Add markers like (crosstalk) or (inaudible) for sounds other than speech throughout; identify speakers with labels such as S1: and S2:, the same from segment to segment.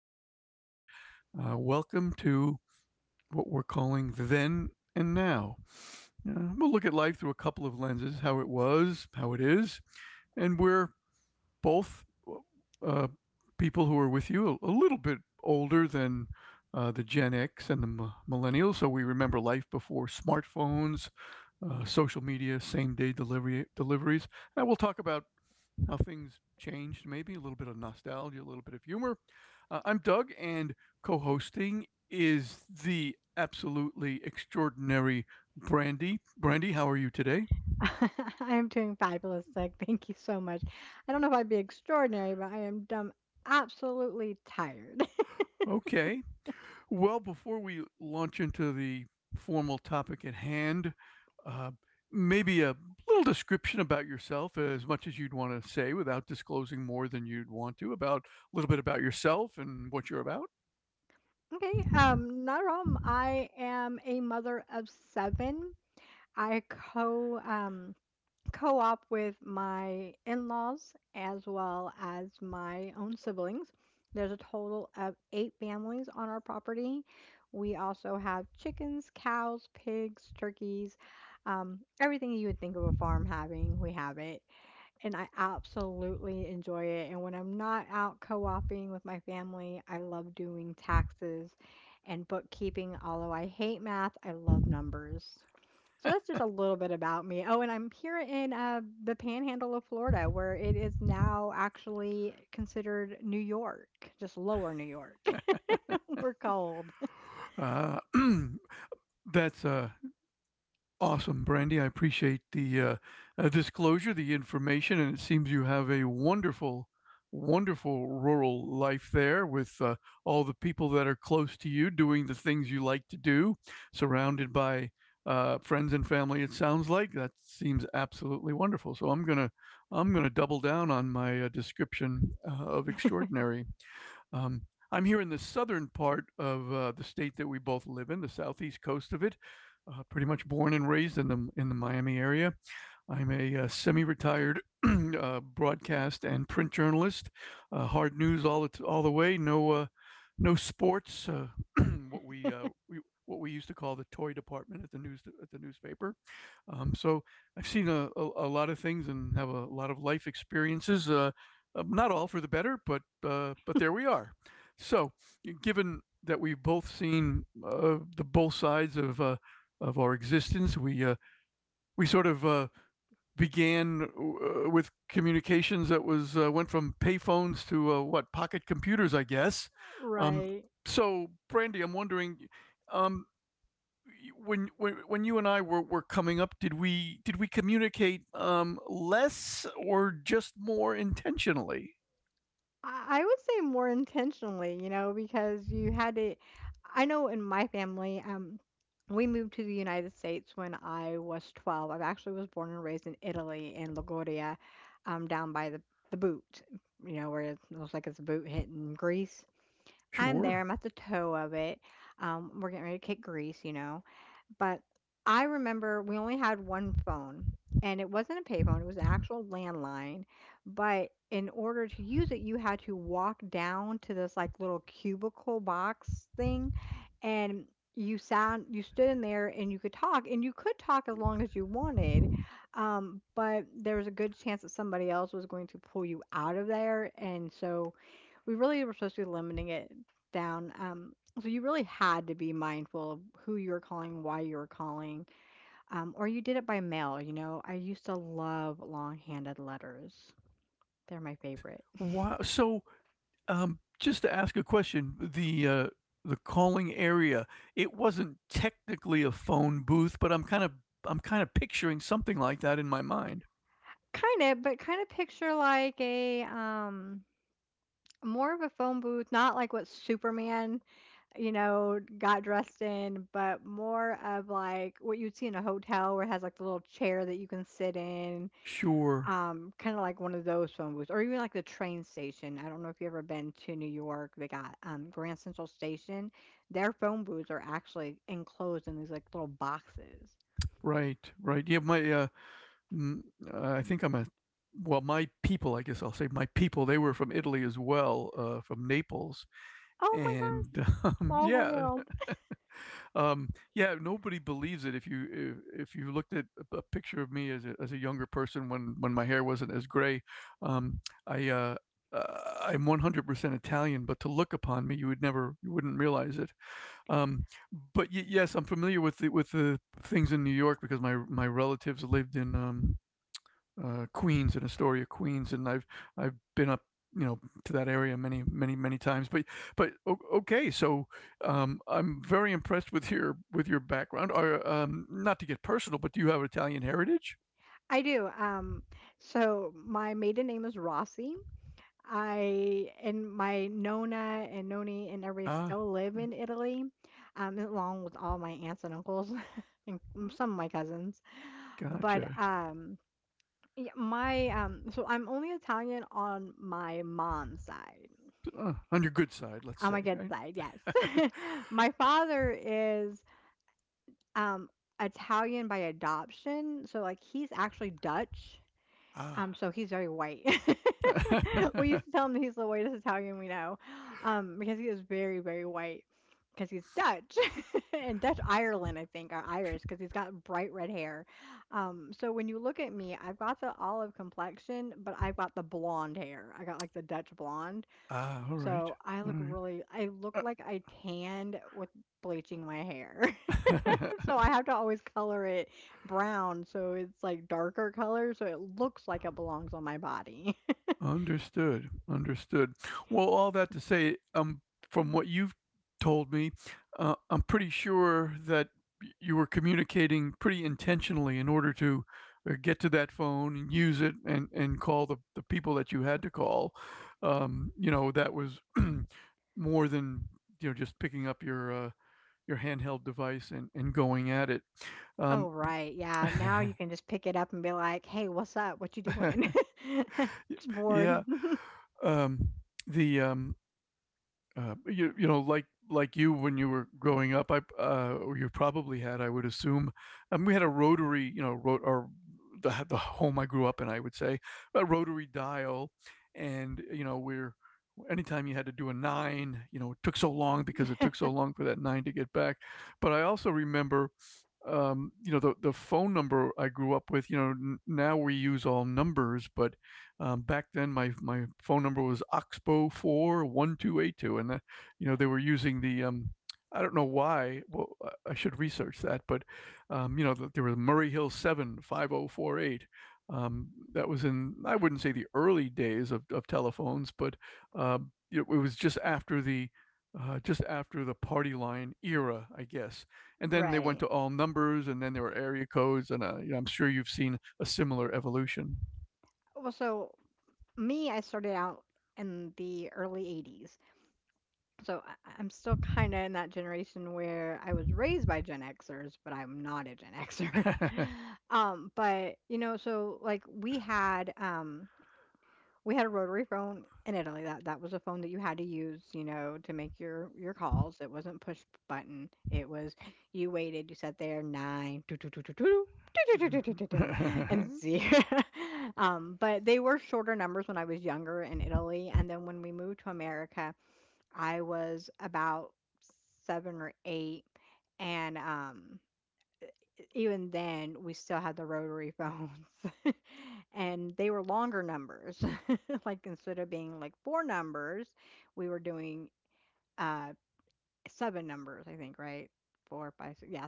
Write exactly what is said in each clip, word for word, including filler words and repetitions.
S1: wherever you are. Uh, welcome to what we're calling then and now. Uh, we'll look at life through a couple of lenses: how it was, how it is, and we're both uh, people who are with you a, a little bit older than uh, the Gen X and the m- millennials, so we remember life before smartphones, uh, social media, same day delivery deliveries. And we'll talk about how things changed, maybe a little bit of nostalgia, a little bit of humor. Uh, I'm Doug, and co hosting is the absolutely extraordinary Brandy. Brandy, how are you today? Okay. Well, before we launch into the formal topic at hand, uh, maybe a little description about yourself, as much as you'd want to say, without disclosing more than you'd want to, about a little bit about yourself and what you're about. Uh, (clears throat) that's uh, Awesome, Brandy. I appreciate the uh, uh, disclosure, the information, and it seems you have a wonderful, wonderful rural life there with uh, all the people that are close to you doing the things you like to do, surrounded by uh, friends and family. It sounds like that seems absolutely wonderful. So I'm gonna, I'm gonna double down on my uh, description uh, of extraordinary um, I'm here in the southern part of uh, the state that we both live in, the southeast coast of it. Uh, pretty much born and raised in the in the Miami area. I'm a uh, semi-retired (clears throat) uh, broadcast and print journalist. Uh, hard news all the all the way. No, uh, no sports. Uh, (clears throat) what we, uh, we what we used to call the toy department at the news at the newspaper. Um, so I've seen a, a, a lot of things and have a lot of life experiences. Uh, um, not all for the better, but uh, but there we are. So given that we've both seen uh, the both sides of uh, of our existence, we uh, we sort of uh, began uh, with communications that was uh, went from payphones to uh, what, pocket computers, I guess. Um, so, Brandy, I'm wondering, um, when when when you and I were, were coming up, did we did we communicate um, less or just more intentionally? Sure. Wow. So Um, just to ask a question, the, uh, the calling area, it wasn't technically a phone booth, but I'm kind of I'm kind of picturing something like that in my mind. Sure. Right. Right. Yeah. My. Uh, mm, uh, I think I'm a. Well, my people. I guess I'll say my people. They were from Italy as well, uh, from Naples, and (laughs) um, yeah. Um, yeah, nobody believes it. If you if, if you looked at a a picture of me as a, as a younger person when when my hair wasn't as gray, um, I uh, uh, I'm one hundred percent Italian, but to look upon me, you would never you wouldn't realize it. Um, but y- yes, I'm familiar with the with the things in New York because my my relatives lived in um, uh, Queens and Astoria, Queens, and I've I've been up, you know, to that area many, many, many times. But but okay. So um, I'm very impressed with your with your background. Or um, Not to get personal, but do you have Italian heritage? Ah, gotcha. Uh, on your good side, let's say. Right? Ah, (laughs) ah, all right, all right. (laughs) Understood, understood. Well, all that to say, um, from what you've told me, uh, I'm pretty sure that y- you were communicating pretty intentionally in order to uh, get to that phone and use it, and, and call the, the people that you had to call. Um, you know, that was (clears throat) more than, you know, just picking up your, uh, your handheld device, and, and going at it. Um, (laughs) yeah. Um, the, um, Uh, you you know, like like you, when you were growing up, I uh, or you probably had, I would assume. Um, we had a rotary, you know, ro- or the the home I grew up in, I would say, a rotary dial, and you know, we're anytime you had to do a nine, you know, it took so long because it took so long for that nine to get back. But I also remember, um, you know, the the phone number I grew up with. You know, n- now we use all numbers, but um, back then my my phone number was Oxbow four one two eight two, and that, you know, they were using the um, I don't know why. Well, I I should research that, but um, you know, th- there was Murray Hill seven five zero four eight. Um, that was in, I wouldn't say, the early days of, of telephones, but um, you know, it was just after the uh, just after the party line era, I guess, and then they went to all numbers, and then there were area codes, and uh, you know, i'm sure you've seen a similar evolution. (laughs) right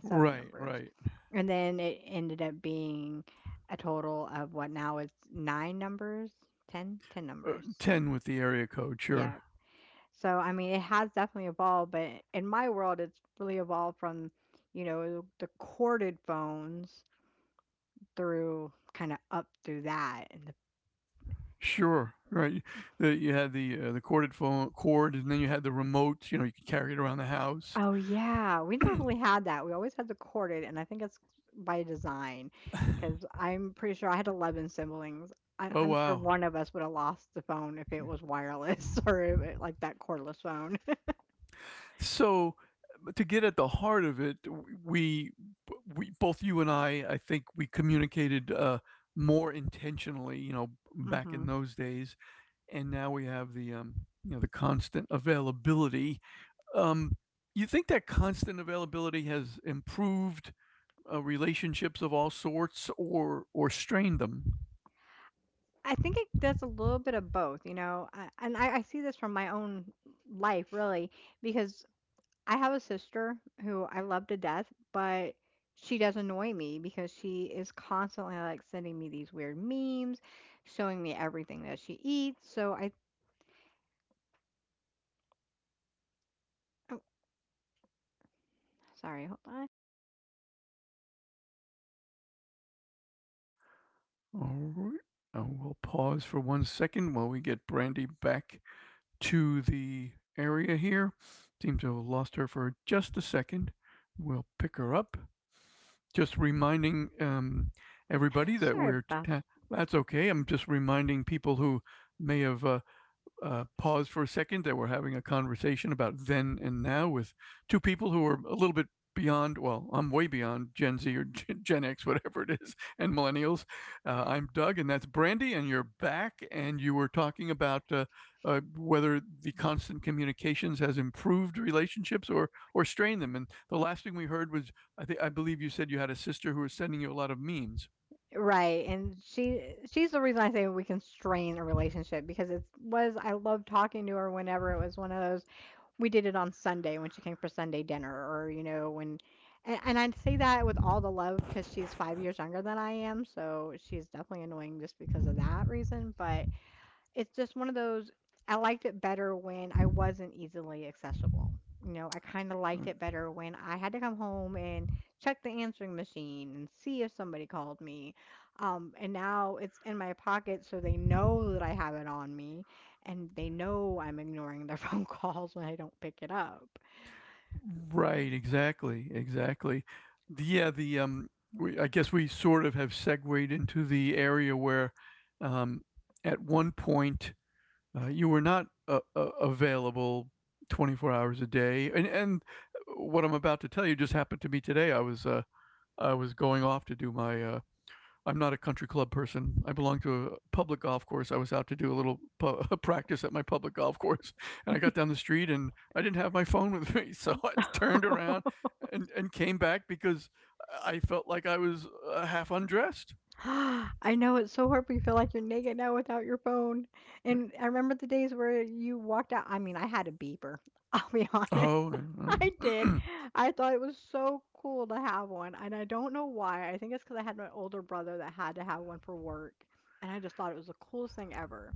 S1: right uh, ten with the area code. Sure, sure, right. The, you had the uh, the corded phone cord, and then you had the remote. You know, you could carry it around the house. (clears throat) Oh, wow. Sure. So uh, to get at the heart of it, we we both, you and i i think we communicated uh more intentionally, you know, back in those days. And now we have the, um, you know, the constant availability. Um, you think that constant availability has improved uh, relationships of all sorts, or or strained them? All right. Uh, we'll pause for one second while we get Brandy back to the area here. Seem to have lost her for just a second. We'll pick her up. Just reminding um, everybody that
S2: Sorry
S1: we're.
S2: about
S1: Ta- that's okay. I'm just reminding people who may have uh, uh, pause for a second, that we're having a conversation about then and now with two people who are a little bit beyond, well, I'm way beyond Gen Z or (laughs) Gen X, whatever it is, (laughs) and millennials. Uh, I'm Doug, and that's Brandy, and you're back, and you were talking about uh, uh, whether the constant communications has improved relationships or or strained them. And the last thing we heard was, I think, I believe you said, you had a sister who was sending you a lot of memes.
S2: right, and she she's the reason I say we can strain a relationship, because it was I loved talking to her whenever it was one of those. We did it on Sunday when she came for Sunday dinner, or you know, when and, and I say that with all the love because she's five years younger than I am, so she's definitely annoying just because of that reason. But it's just one of those. I liked it better when I wasn't easily accessible. You know, I kind of liked
S1: Right.
S2: it better when I had to come home and check the answering machine and see if somebody called me. Um, and now it's in my pocket, so they know that I have it on me, and they know I'm ignoring their (laughs) phone calls when I don't pick it up.
S1: Right, exactly, exactly. The- Yeah, the um, we, I guess we sort of have segued into the area where, um, at one point, uh, you were not uh, uh, available twenty-four hours a day, and and uh, what I'm about to tell you just happened to me today. I was uh, I was going off to do my, uh, I'm not a country club person. I belong to a public golf course. I was out to do a little pu- (laughs) practice at my public golf course, (laughs) and I got down the street and I didn't have my phone with (laughs) me, so I turned around
S2: (laughs)
S1: and and came back because I felt like I was uh, half undressed.
S2: (gasps) I know it's so hard, but you feel like you're naked now without your phone. And I remember the days where you walked out. I mean, I had a beeper. (laughs) I'll be honest.
S1: Oh,
S2: I
S1: um,
S2: did. I thought it was so cool to have one. And I don't know why. I think it's because I had my older brother that had to have one for work. And I just thought it was the coolest thing ever.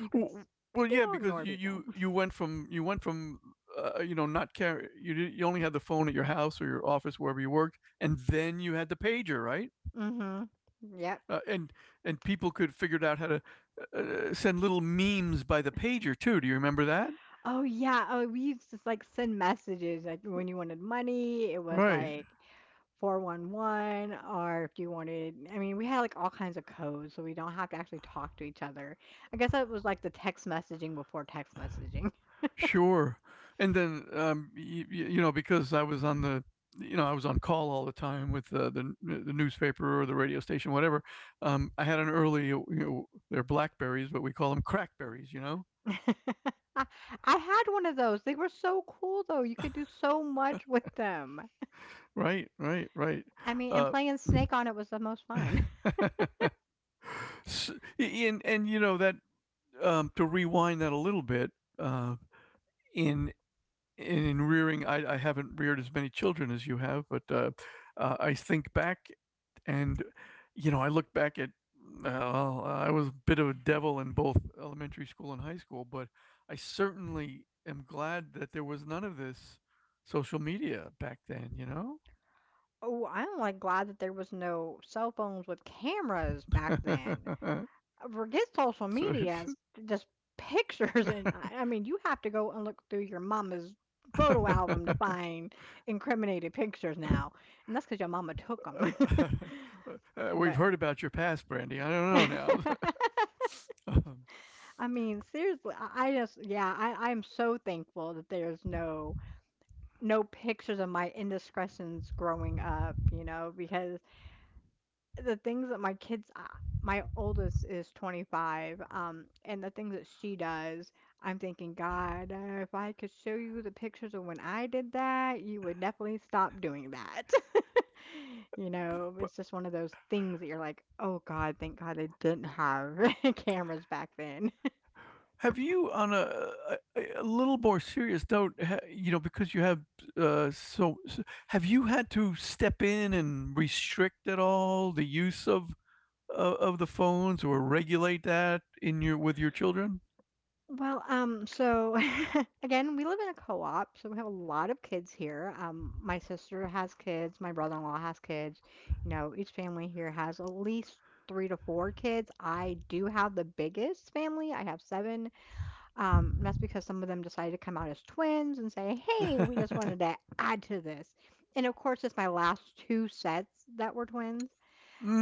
S2: You could
S1: well, yeah,
S2: still
S1: because
S2: ignore
S1: you
S2: people.
S1: you you went from, you went from uh, you know, not carry you you only had the phone at your house or your office, wherever you worked, and then you had the pager, right?
S2: (laughs) Hmm. Yep.
S1: uh, and and people could figure out how to uh, send little memes by the pager too. Do you remember that?
S2: Oh yeah. Oh, we used to like send messages like when you wanted money. It was
S1: Right.
S2: like four one one. Or if you wanted, I mean, we had like all kinds of codes so we don't have to actually talk to each other. I guess that was like the text messaging before text messaging.
S1: Sure. And then, um, you, you know, because I was on the you know I was on call all the time with uh, the the newspaper or the radio station, whatever. Um, I had an early, you know, they're blackberries but we call them crackberries. You know.
S2: (laughs) I, I had one of those. They were so cool though, you could do so much with them.
S1: Right. Right. Right.
S2: I mean, and
S1: Uh,
S2: playing snake on it was the most fun.
S1: (laughs) s- and and you know that um, to rewind that a little bit, uh, in in, in rearing, I, I haven't reared as many children as you have, but uh, uh, I think back, and, you know, I look back at, well, I was a bit of a devil in both elementary school and high school, but I certainly am glad that there was none of this social media back then, you know?
S2: (laughs) Oh, I'm like glad that there was no cell phones with cameras back then.
S1: (laughs)
S2: Forget social
S1: so it's.
S2: medias, just pictures. And I I mean, you have to go and look through your mama's photo album to
S1: (laughs)
S2: find incriminated pictures now. And that's because your mama took them.
S1: Uh, We've
S2: (laughs) But
S1: heard about your past, Brandy. I don't know
S2: (laughs)
S1: now. (laughs) um,
S2: I mean, seriously, I I just, yeah, I, I'm so thankful that there's no no pictures of my indiscretions growing up, you know, because the things that my kids uh, my oldest is twenty-five, um, and the things that she does, I'm thinking, god, uh, if I could show you the pictures of when I did that, you would definitely stop doing that. (laughs) You know, it's just one of those things that you're like, oh god, thank god they didn't have (laughs) cameras back then.
S1: Have you, on a a a little more serious note, ha you know, because you have, uh, so so have you had to step in and restrict at all the use of o of the phones, or regulate that in your with your children?
S2: Well, um so (laughs) again, we live in a co-op, so we have a lot of kids here. Um, my sister has kids, my brother-in-law has kids. You know, each family here has at least three to four kids. I do have the biggest family. I have seven. Um, that's because some of them decided to come out as twins and say, "Hey,
S1: (laughs)
S2: we just wanted to add to this." And of course, it's my last two sets that were twins.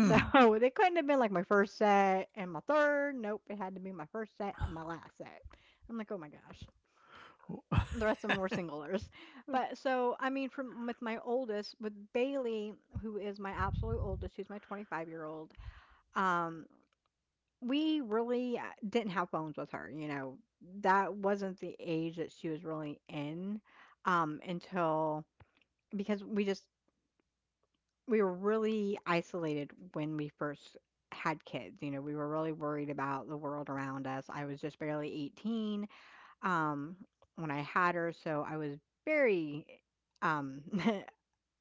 S2: So (laughs) they couldn't have been like my first set and my third. Nope, it had to be my first set and my last set. I'm like, oh my gosh, the rest of them were singlers. But so, I mean, from with my oldest, with Bailey, who is my absolute oldest, who's my twenty-five year old, um, we really uh, didn't have phones with her. You know, that wasn't the age that she was really in um, until because we just we were really isolated when we first had kids. You know, we were really worried about the world around us. I was just barely eighteen, um, when I had her, so I was very um (laughs)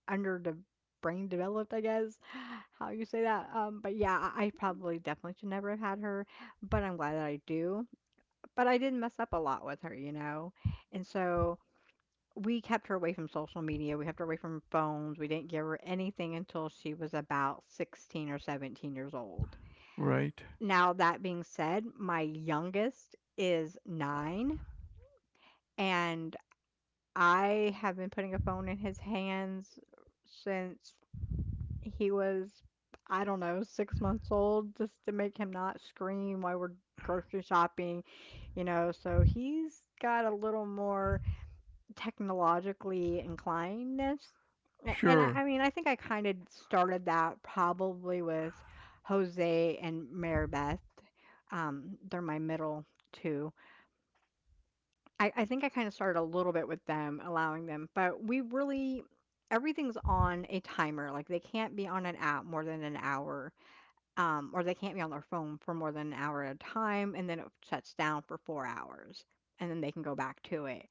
S2: under the brain developed, I guess, (sighs) how you say that. Um, but yeah, I I probably definitely should never have had her, but I'm glad that I do. But I did mess up a lot with her, you know, and so we kept her away from social media. We kept her away from phones. We didn't give her anything until she was about sixteen or seventeen years old.
S1: Right.
S2: Now, that being said, my youngest is nine. And I have been putting a phone in his hands since he was, I don't know, six months old, just to make him not scream while we're grocery shopping, you know. So he's got a little more technologically inclinedness. A- And I,
S1: Sure.
S2: I mean, I think I kind of started that probably with Jose and Maribeth. Um, they're my middle two. I I think I kinda started a little bit with them, allowing them, but we really, everything's on a timer, like, they can't be on an app more than an hour, um, or they can't be on their phone for more than an hour at a time, and then it shuts down for four hours, and then they can go back to it.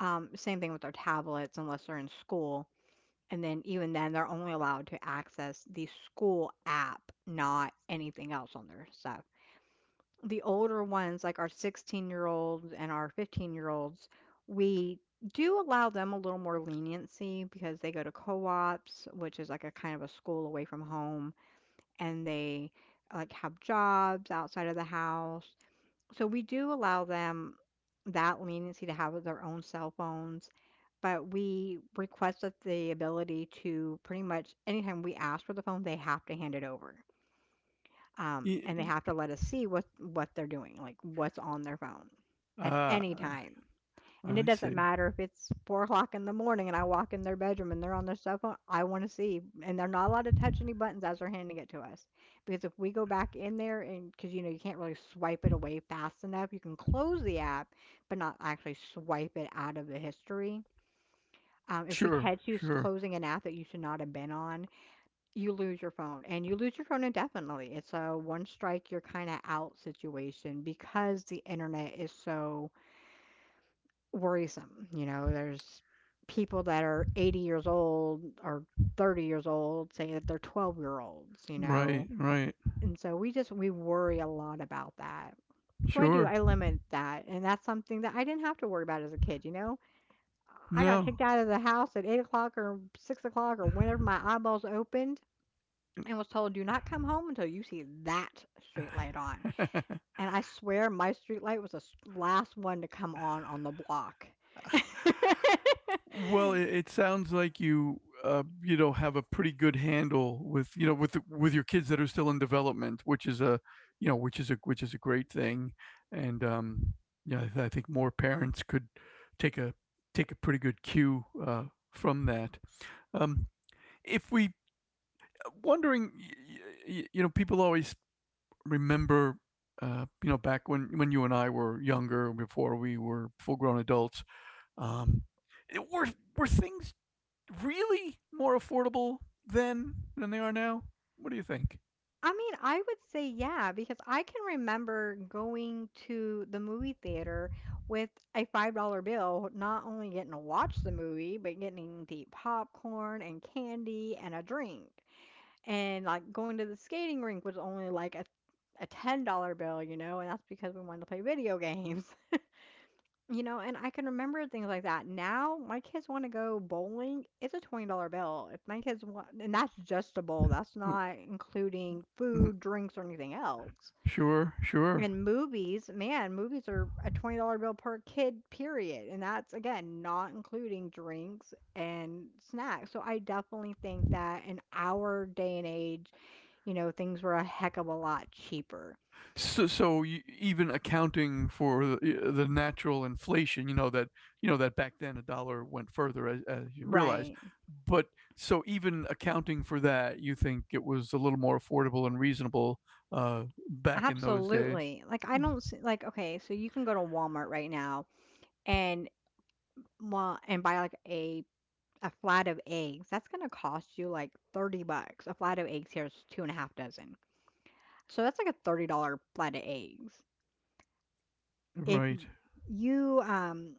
S2: Um, same thing with their tablets unless they're in school, and then even then, they're only allowed to access the school app, not anything else on their stuff. The older ones, like our sixteen-year-olds and our fifteen-year-olds, we do allow them a little more leniency because they go to co-ops, which is like a kind of a school away from home, and they like have jobs outside of the house. So we do allow them that leniency to have their own cell phones, but we request that the ability to pretty much anytime we ask for the phone, they have to hand it over, um,
S1: Ye
S2: and they have to let us see what what they're doing, like what's on their phone at
S1: ah,
S2: any time. And it
S1: I
S2: doesn't
S1: see.
S2: matter if it's four o'clock in the morning and I walk in their bedroom and they're on their cell phone. I want to see, and they're not allowed to touch any buttons as they're handing it to us, because if we go back in there, and because you know, you can't really swipe it away fast enough, you can close the app, but not actually swipe it out of the history. Um, if we
S1: Sure,
S2: catch you s-
S1: sure.
S2: closing an app that you should not have been on, you lose your phone and you lose your phone indefinitely. It's a one strike, you're kind of out situation, because the internet is so worrisome. You know, there's people that are eighty years old or thirty years old say that they're twelve year olds, you know.
S1: Right, right.
S2: And so we just we worry a lot about that. So I do,
S1: Sure.
S2: I limit that. And that's something that I didn't have to worry about as a kid, you know. I got
S1: No.
S2: kicked out of the house at eight o'clock or six o'clock or whenever my eyeballs opened and was told, "Do not come home until you see that street light on."
S1: (laughs)
S2: And I swear my street light was the s- last one to come on on the block. (laughs)
S1: Well, it, it sounds like you uh, you know have a pretty good handle with you know with the- with your kids that are still in development, which is a you know which is a which is a great thing, and um, yeah, I, th- I think more parents could take a take a pretty good cue uh, from that. Um, if we uh, wondering, y- y- you know, people always remember. Uh, you know, back when when you and I were younger, before we were full grown adults, um, were were things really more affordable then than they are now? What do you think?
S2: I mean, I would say yeah, because I can remember going to the movie theater with a five dollars bill, not only getting to watch the movie, but getting to eat popcorn and candy and a drink. And like going to the skating rink was only like a a ten dollars bill, you know, and that's because we wanted to play video (laughs) games. You know, and I can remember things like that. Now, my kids wanna go bowling, it's a twenty dollars bill. If my kids want, and that's just a bowl, that's not including
S1: Mm.
S2: food, drinks, or anything else.
S1: Sure, sure.
S2: And movies, man, movies are a twenty dollars bill per kid, period, and that's, again, not including drinks and snacks. So, I definitely think that in our day and age, you know, things were a heck of a lot cheaper.
S1: So, so y- even accounting for the, the natural inflation, you know that you know that back then a dollar went further, as, as you realize.
S2: Right.
S1: But so even accounting for that, you think it was a little more affordable and reasonable uh, back in those days.
S2: Absolutely. Like I
S1: Mm.
S2: don't see, like, okay, so you can go to Walmart right now and well and buy like a a flat of eggs. That's gonna cost you like thirty bucks. A flat of eggs here is two and a half dozen. So that's like a thirty dollars flat of eggs. If
S1: Right?
S2: y- you um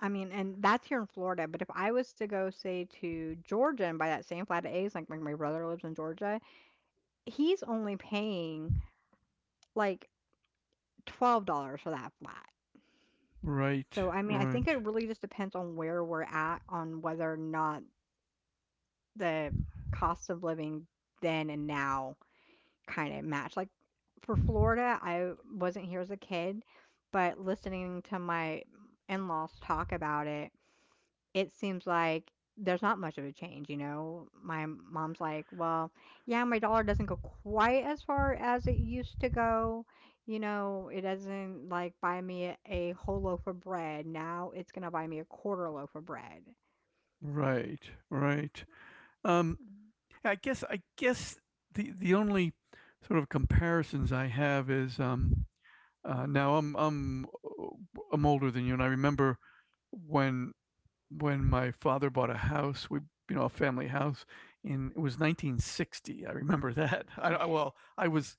S2: I mean, and that's here in Florida, but if I was to go say to Georgia and buy that same flat of eggs, like my, my brother lives in Georgia, he's only paying like twelve dollars for that flat.
S1: Right,
S2: So, I mean, I think
S1: right.
S2: it really just depends on where we're at, on whether or not the cost of living then and now kind of match. Like for Florida, I wasn't here as a kid, but listening to my in-laws talk about it, it seems like there's not much of a change, you know? My mom's like, well, yeah, my dollar doesn't go quite as far as it used to go. You know, it doesn't like buy me a, a whole loaf of bread. Now it's going to buy me a quarter loaf of bread.
S1: Right, right. Um,
S2: Mhm.
S1: I guess I guess the the only sort of comparisons I have is um, uh, now I'm I'm uh, I'm older than you, and I remember when when my father bought a house, we you know a family house, and it was nineteen sixty. I remember (laughs) that. I, I well, I was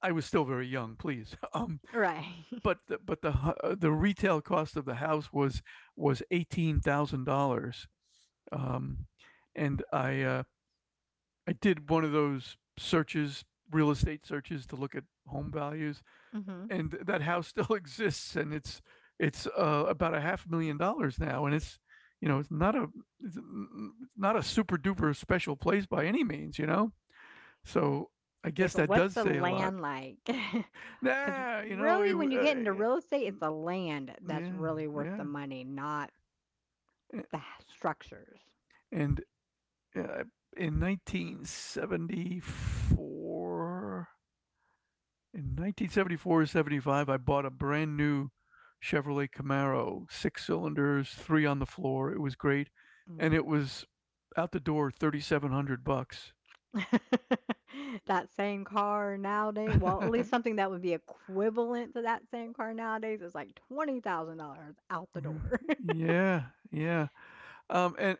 S1: I was still very young. Please, (laughs)
S2: Right.
S1: but the, but the hu- uh, the retail cost of the house was was eighteen thousand dollars, um, and I uh, I did one of those searches, real estate searches, to look at home values,
S2: (laughs) Hmm.
S1: and that house (laughs) still exists, and it's it's uh, about a half a million dollars now, and it's you know it's not a it's not a super duper special place by any means, you know. So I
S2: Yeah,
S1: guess
S2: but
S1: that
S2: what's
S1: does
S2: the
S1: say a lot.
S2: land like? (laughs) Because
S1: Nah, you know, it,
S2: really, when you get into real estate,
S1: uh,
S2: it's the land that's
S1: yeah,
S2: really worth the
S1: yeah.
S2: money, not the h- structures.
S1: And uh, in nineteen seventy-four, in nineteen seventy-four or seventy-five, I bought a brand new Chevrolet Camaro, six cylinders, three on the floor. It was great, and
S2: Mm.
S1: it was out the door thirty-seven hundred bucks.
S2: (laughs) That same car nowadays, well, at least
S1: (laughs)
S2: something that would be equivalent to that same car nowadays is like twenty thousand dollars out the door. (laughs)
S1: Yeah, yeah. Um, and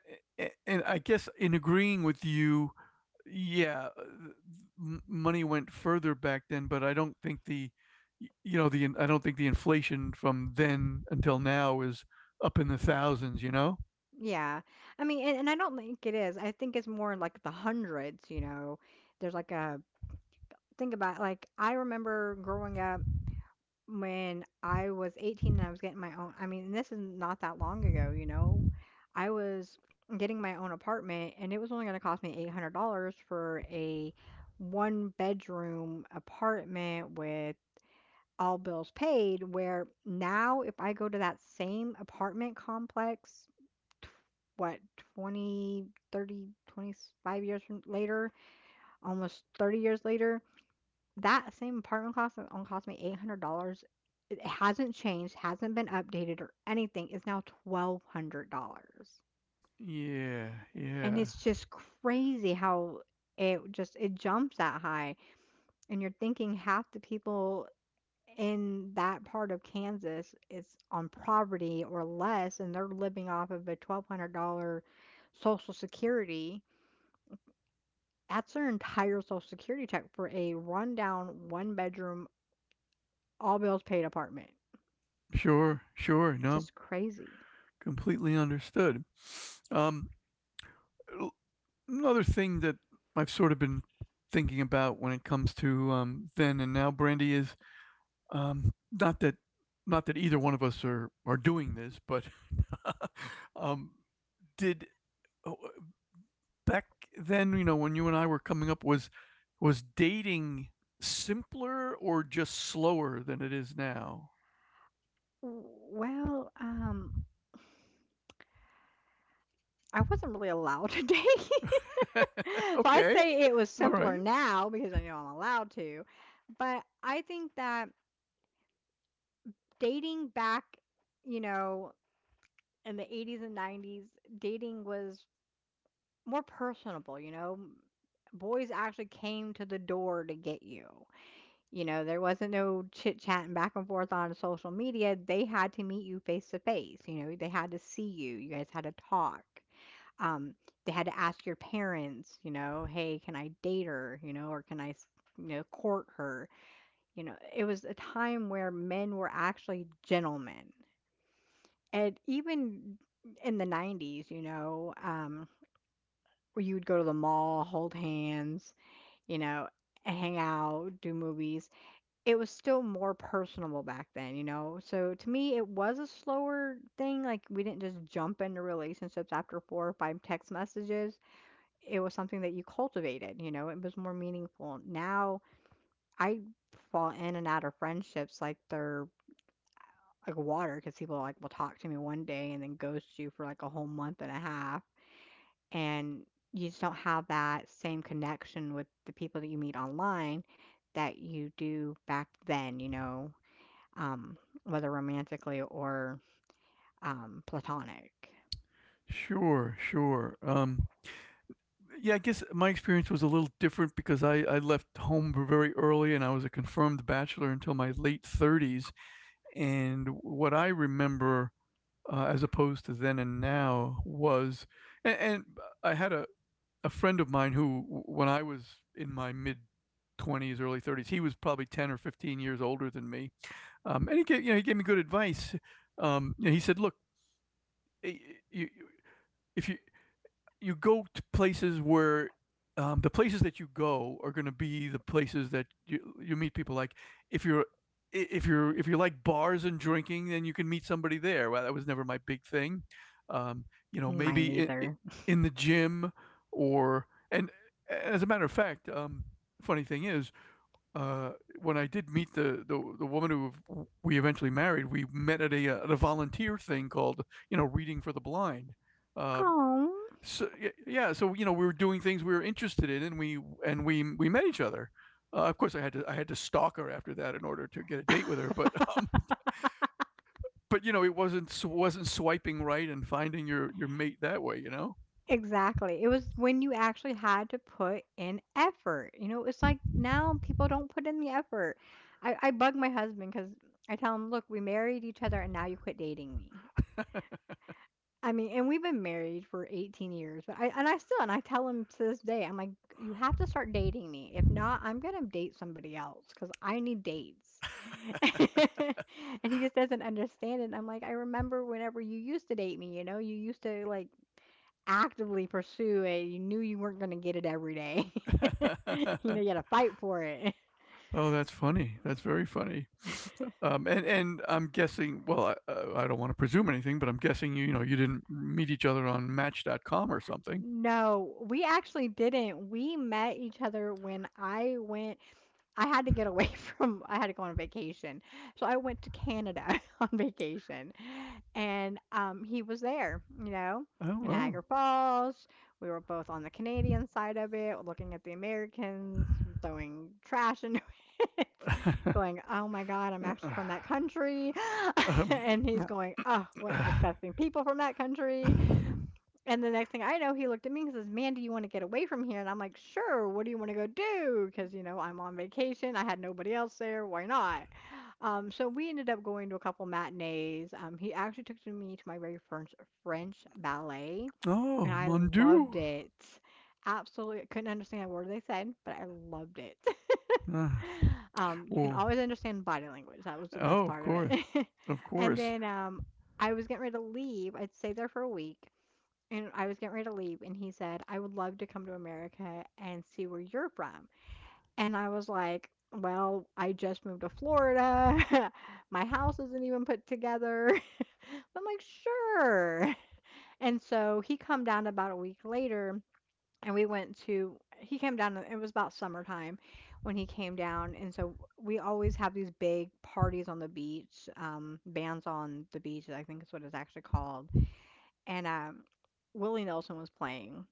S1: and I guess in agreeing with you yeah, uh, m- money went further back then, but I don't think the y- you know the in- I don't think the inflation from then until now is up in the thousands, you know?
S2: Yeah. I mean, and, and I don't think it is. I think it's more in like the hundreds, you know. There's like a think about it, like I remember growing up. When I was eighteen and I was getting my own, I mean, this is not that long ago, you know. I was getting my own apartment and it was only going to cost me eight hundred dollars for a one bedroom apartment with all bills paid, where now if I go to that same apartment complex, tw- what, 20, 30, twenty-five years from later, almost thirty years later, that same apartment cost, only cost me eight hundred dollars, it hasn't changed, hasn't been updated or anything, is now twelve hundred dollars.
S1: Yeah,
S2: And
S1: yeah.
S2: it's just crazy how it just it jumps that high. And you're thinking half the people in that part of Kansas is on poverty or less, and they're living off of a twelve hundred dollars Social Security. That's their entire Social Security check for a rundown, one bedroom, all bills paid apartment.
S1: Sure, sure.
S2: It's
S1: No,
S2: just crazy.
S1: completely understood. Um, l- another thing that I've sort of been thinking about when it comes to um, then and now, Brandy, is um, not that not that either one of us are are doing this, but (laughs) um, did oh, uh, back then, you know, when you and I were coming up, was was dating simpler or just slower than it is now?
S2: Well, um, I wasn't really allowed to date. (laughs)
S1: (laughs)
S2: So I'd
S1: Okay,
S2: say it was
S1: all right,
S2: simpler now because I know I'm allowed to. But I think that dating back, you know, in the eighties and nineties, dating was more personable, you know. Boys actually came to the door to get you. You know, there wasn't no chit chatting back and forth on social media. They had to meet you face to face. You know, they had to see you. You guys had to talk. Um, they had to ask your parents, you know, "Hey, can I date her?" You know, or "Can I s you know, court her?" You know, it was a time where men were actually gentlemen. And even in the nineties, you know, um, where you would go to the mall, hold hands, you know, and hang out, do movies. It was still more personable back then, you know? So to me, it was a slower thing, like, we didn't just jump into relationships after four or five text messages. It was something that you cultivated, you know, it was more meaningful. Now I fall in and out of friendships like they're like water because people like will talk to me one day and then ghost you for like a whole month and a half. And you just don't have that same connection with the people that you meet online that you do back then, you know, um, whether romantically or um, platonic.
S1: sure, sure. Um, yeah, I guess my experience was a little different because I I left home very early and I was a confirmed bachelor until my late thirties. And what I remember, uh, as opposed to then and now, was and, and I had a, a friend of mine who, when I was in my mid twenties, early thirties, he was probably ten or fifteen years older than me, um, and he gave you know he gave me good advice. Um, you know, he said, "Look, eh, you- if you you go to places where um, the places that you go are going to be the places that you you meet people. Like if you're if you're if you like bars and drinking, then you can meet somebody there. Well, that was never my big thing. Um, you know,
S2: Mine
S1: maybe in,
S2: neither.
S1: in the gym or and as a matter of fact, um, funny thing is, uh, when I did meet the, the the woman who we eventually married, we met at a uh, at a volunteer thing called you know reading for the blind. Uh,
S2: Oh.
S1: so y- yeah, so you know, we were doing things we were interested in, and we and we we met each other. Uh, of course, I had to I had to stalk her after that in order to get a date with her. But (laughs) um,
S2: (laughs)
S1: but you know, it wasn't wasn't swiping right and finding your your mate that way. You know.
S2: Exactly. It was when you actually had to put in effort. You know, it's like now people don't put in the effort. I, I bug my husband because I tell him, look, we married each other and now you quit dating me. I mean, and we've been married for eighteen years, but I, and I still, and I tell him to this day, I'm like, you have to start dating me. If not, I'm going to date somebody else because I need dates. (laughs) And he just doesn't understand it. I'm like, I remember whenever you used to date me, you know, you used to like actively pursue it, you knew you weren't gonna get it every day. (laughs) You know, you
S1: (laughs)
S2: had to fight for it.
S1: Oh, that's funny. That's very funny. Um, and and I'm guessing. Well, I, uh, I don't want to presume anything, but I'm guessing you you know you didn't meet each other on Match dot com or something.
S2: No, we actually didn't. We met each other when I went, I had to get away (laughs) from, I had to go on vacation. So I went to Canada (laughs) on vacation. And um he was there, you know,
S1: Oh
S2: in
S1: well.
S2: Niagara Falls. We were both on the Canadian side of it, looking at the Americans throwing trash into (laughs) it, going, "Oh my God, I'm
S1: Uh,
S2: actually
S1: (sighs)
S2: from that country." (laughs)
S1: Um,
S2: And he's going, "Oh, what
S1: uh,
S2: disgusting people from that country." And the next thing I know, he looked at me and says, "Man, do you want to get away from here?" And I'm like, "Sure. What do you want to go do?" Because you know I'm on vacation. I had nobody else there. Why not? Um, so we ended up going to a couple matinees. Um, he actually took to me to my very first French ballet, and
S1: oh,
S2: I
S1: mon dieu.
S2: loved it. Absolutely, couldn't understand a word they said, but I loved it.
S1: Ah,
S2: (laughs) Um, you can
S1: well,
S2: always understand body language. That was the best
S1: oh, of
S2: part of
S1: course,
S2: it.
S1: of
S2: (laughs) And
S1: course.
S2: then um, I was getting ready to leave. I'd stayed there for a week and I was getting ready to leave, and he said, I would love to come to America and see where you're from. And I was like, well, I just moved to Florida. (laughs) My house isn't even put together. (laughs) I'm like, sure. (laughs) And so he come down about a week later, and we went to, he came down, it was about summertime when he came down. And so we always have these big parties on the beach, um, bands on the beach, I think is what it's actually called. And um, Willie Nelson was playing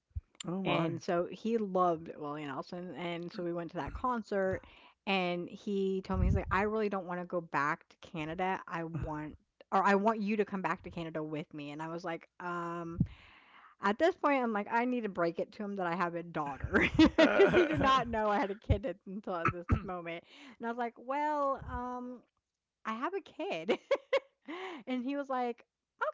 S1: Oh my.
S2: and so he loved Willie Nelson. And so we went to that concert and he told me, he's like, I really don't want to go back to Canada. I want, or I want you to come back to Canada with me. And I was like, um, at this point, I'm like, I need to break it to him that I have a daughter (laughs) because he did not know I had a kid at- until at this moment. And I was like, well, um, I have a kid. (laughs) And he was like,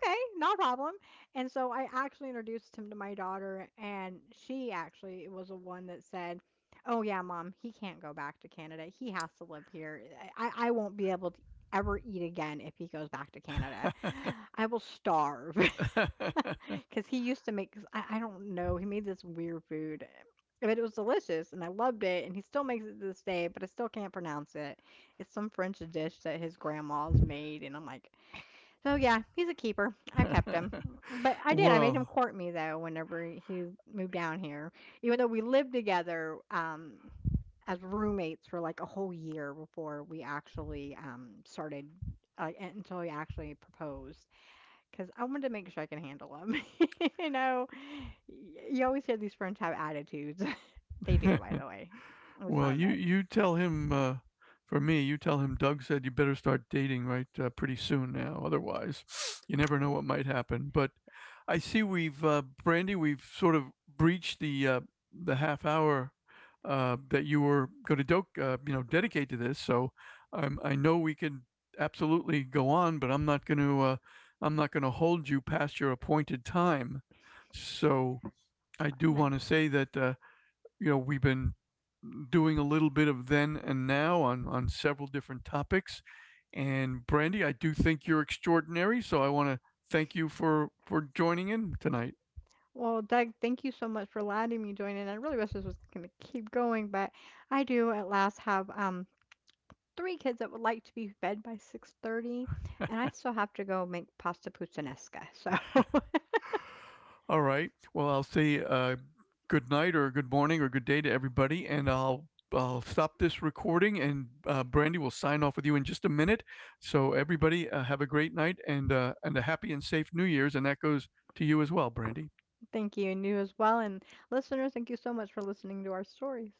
S2: okay, no problem. And so I actually introduced him to my daughter, and she actually was the one that said, oh, yeah, Mom, he can't go back to Canada. He has to live here. I, I won't be able to ever eat again if he goes back to Canada. I will starve. (laughs) Because he used to make, I, I don't know, he made this weird food. But it was delicious and I loved it. And he still makes it to this day, but I still can't pronounce it. It's some French dish that his grandma's made. And I'm like, so yeah, he's a keeper. I kept him. But
S1: (laughs)
S2: I did. I made him
S1: Well,
S2: court me though whenever he moved down here. Even though we lived together um as roommates for like a whole year before we actually um started uh, until he actually proposed, cuz I wanted to make sure I can handle him. (laughs) You know, y- you always hear these friends have attitudes. (laughs) They do,
S1: (laughs)
S2: by the way. It's not
S1: well,
S2: a
S1: you
S2: myth.
S1: you tell him uh, for me. You tell him Doug said you better start dating right uh, pretty soon now. Otherwise, (sniffs) you never know what might happen. But I see we've uh, Brandy. We've sort of breached the uh, the half hour uh, that you were going to do- uh, you know dedicate to this. So um, I know we can absolutely go on, but I'm not going to uh, I'm not going to hold you past your appointed time. So I do want to say that. Uh, you know we've been doing a little bit of then and now on on several different topics and brandy I do think you're extraordinary so I want to thank you for for joining in tonight
S2: Well, Doug, thank you so much for letting me join in. I really wish this was going to keep going, but I do at last have um three kids that would like to be fed by six thirty, and I still have to go make pasta puttanesca. So, (laughs)
S1: all right well I'll say uh, good night or good morning or good day to everybody and i'll I'll stop this recording and uh, Brandy will sign off with you in just a minute. So, everybody, uh, have a great night and, uh, and a happy and safe New Year's. And that goes to you as well, Brandy.
S2: thank you, and you as well, and listeners, thank you so much for listening to our stories.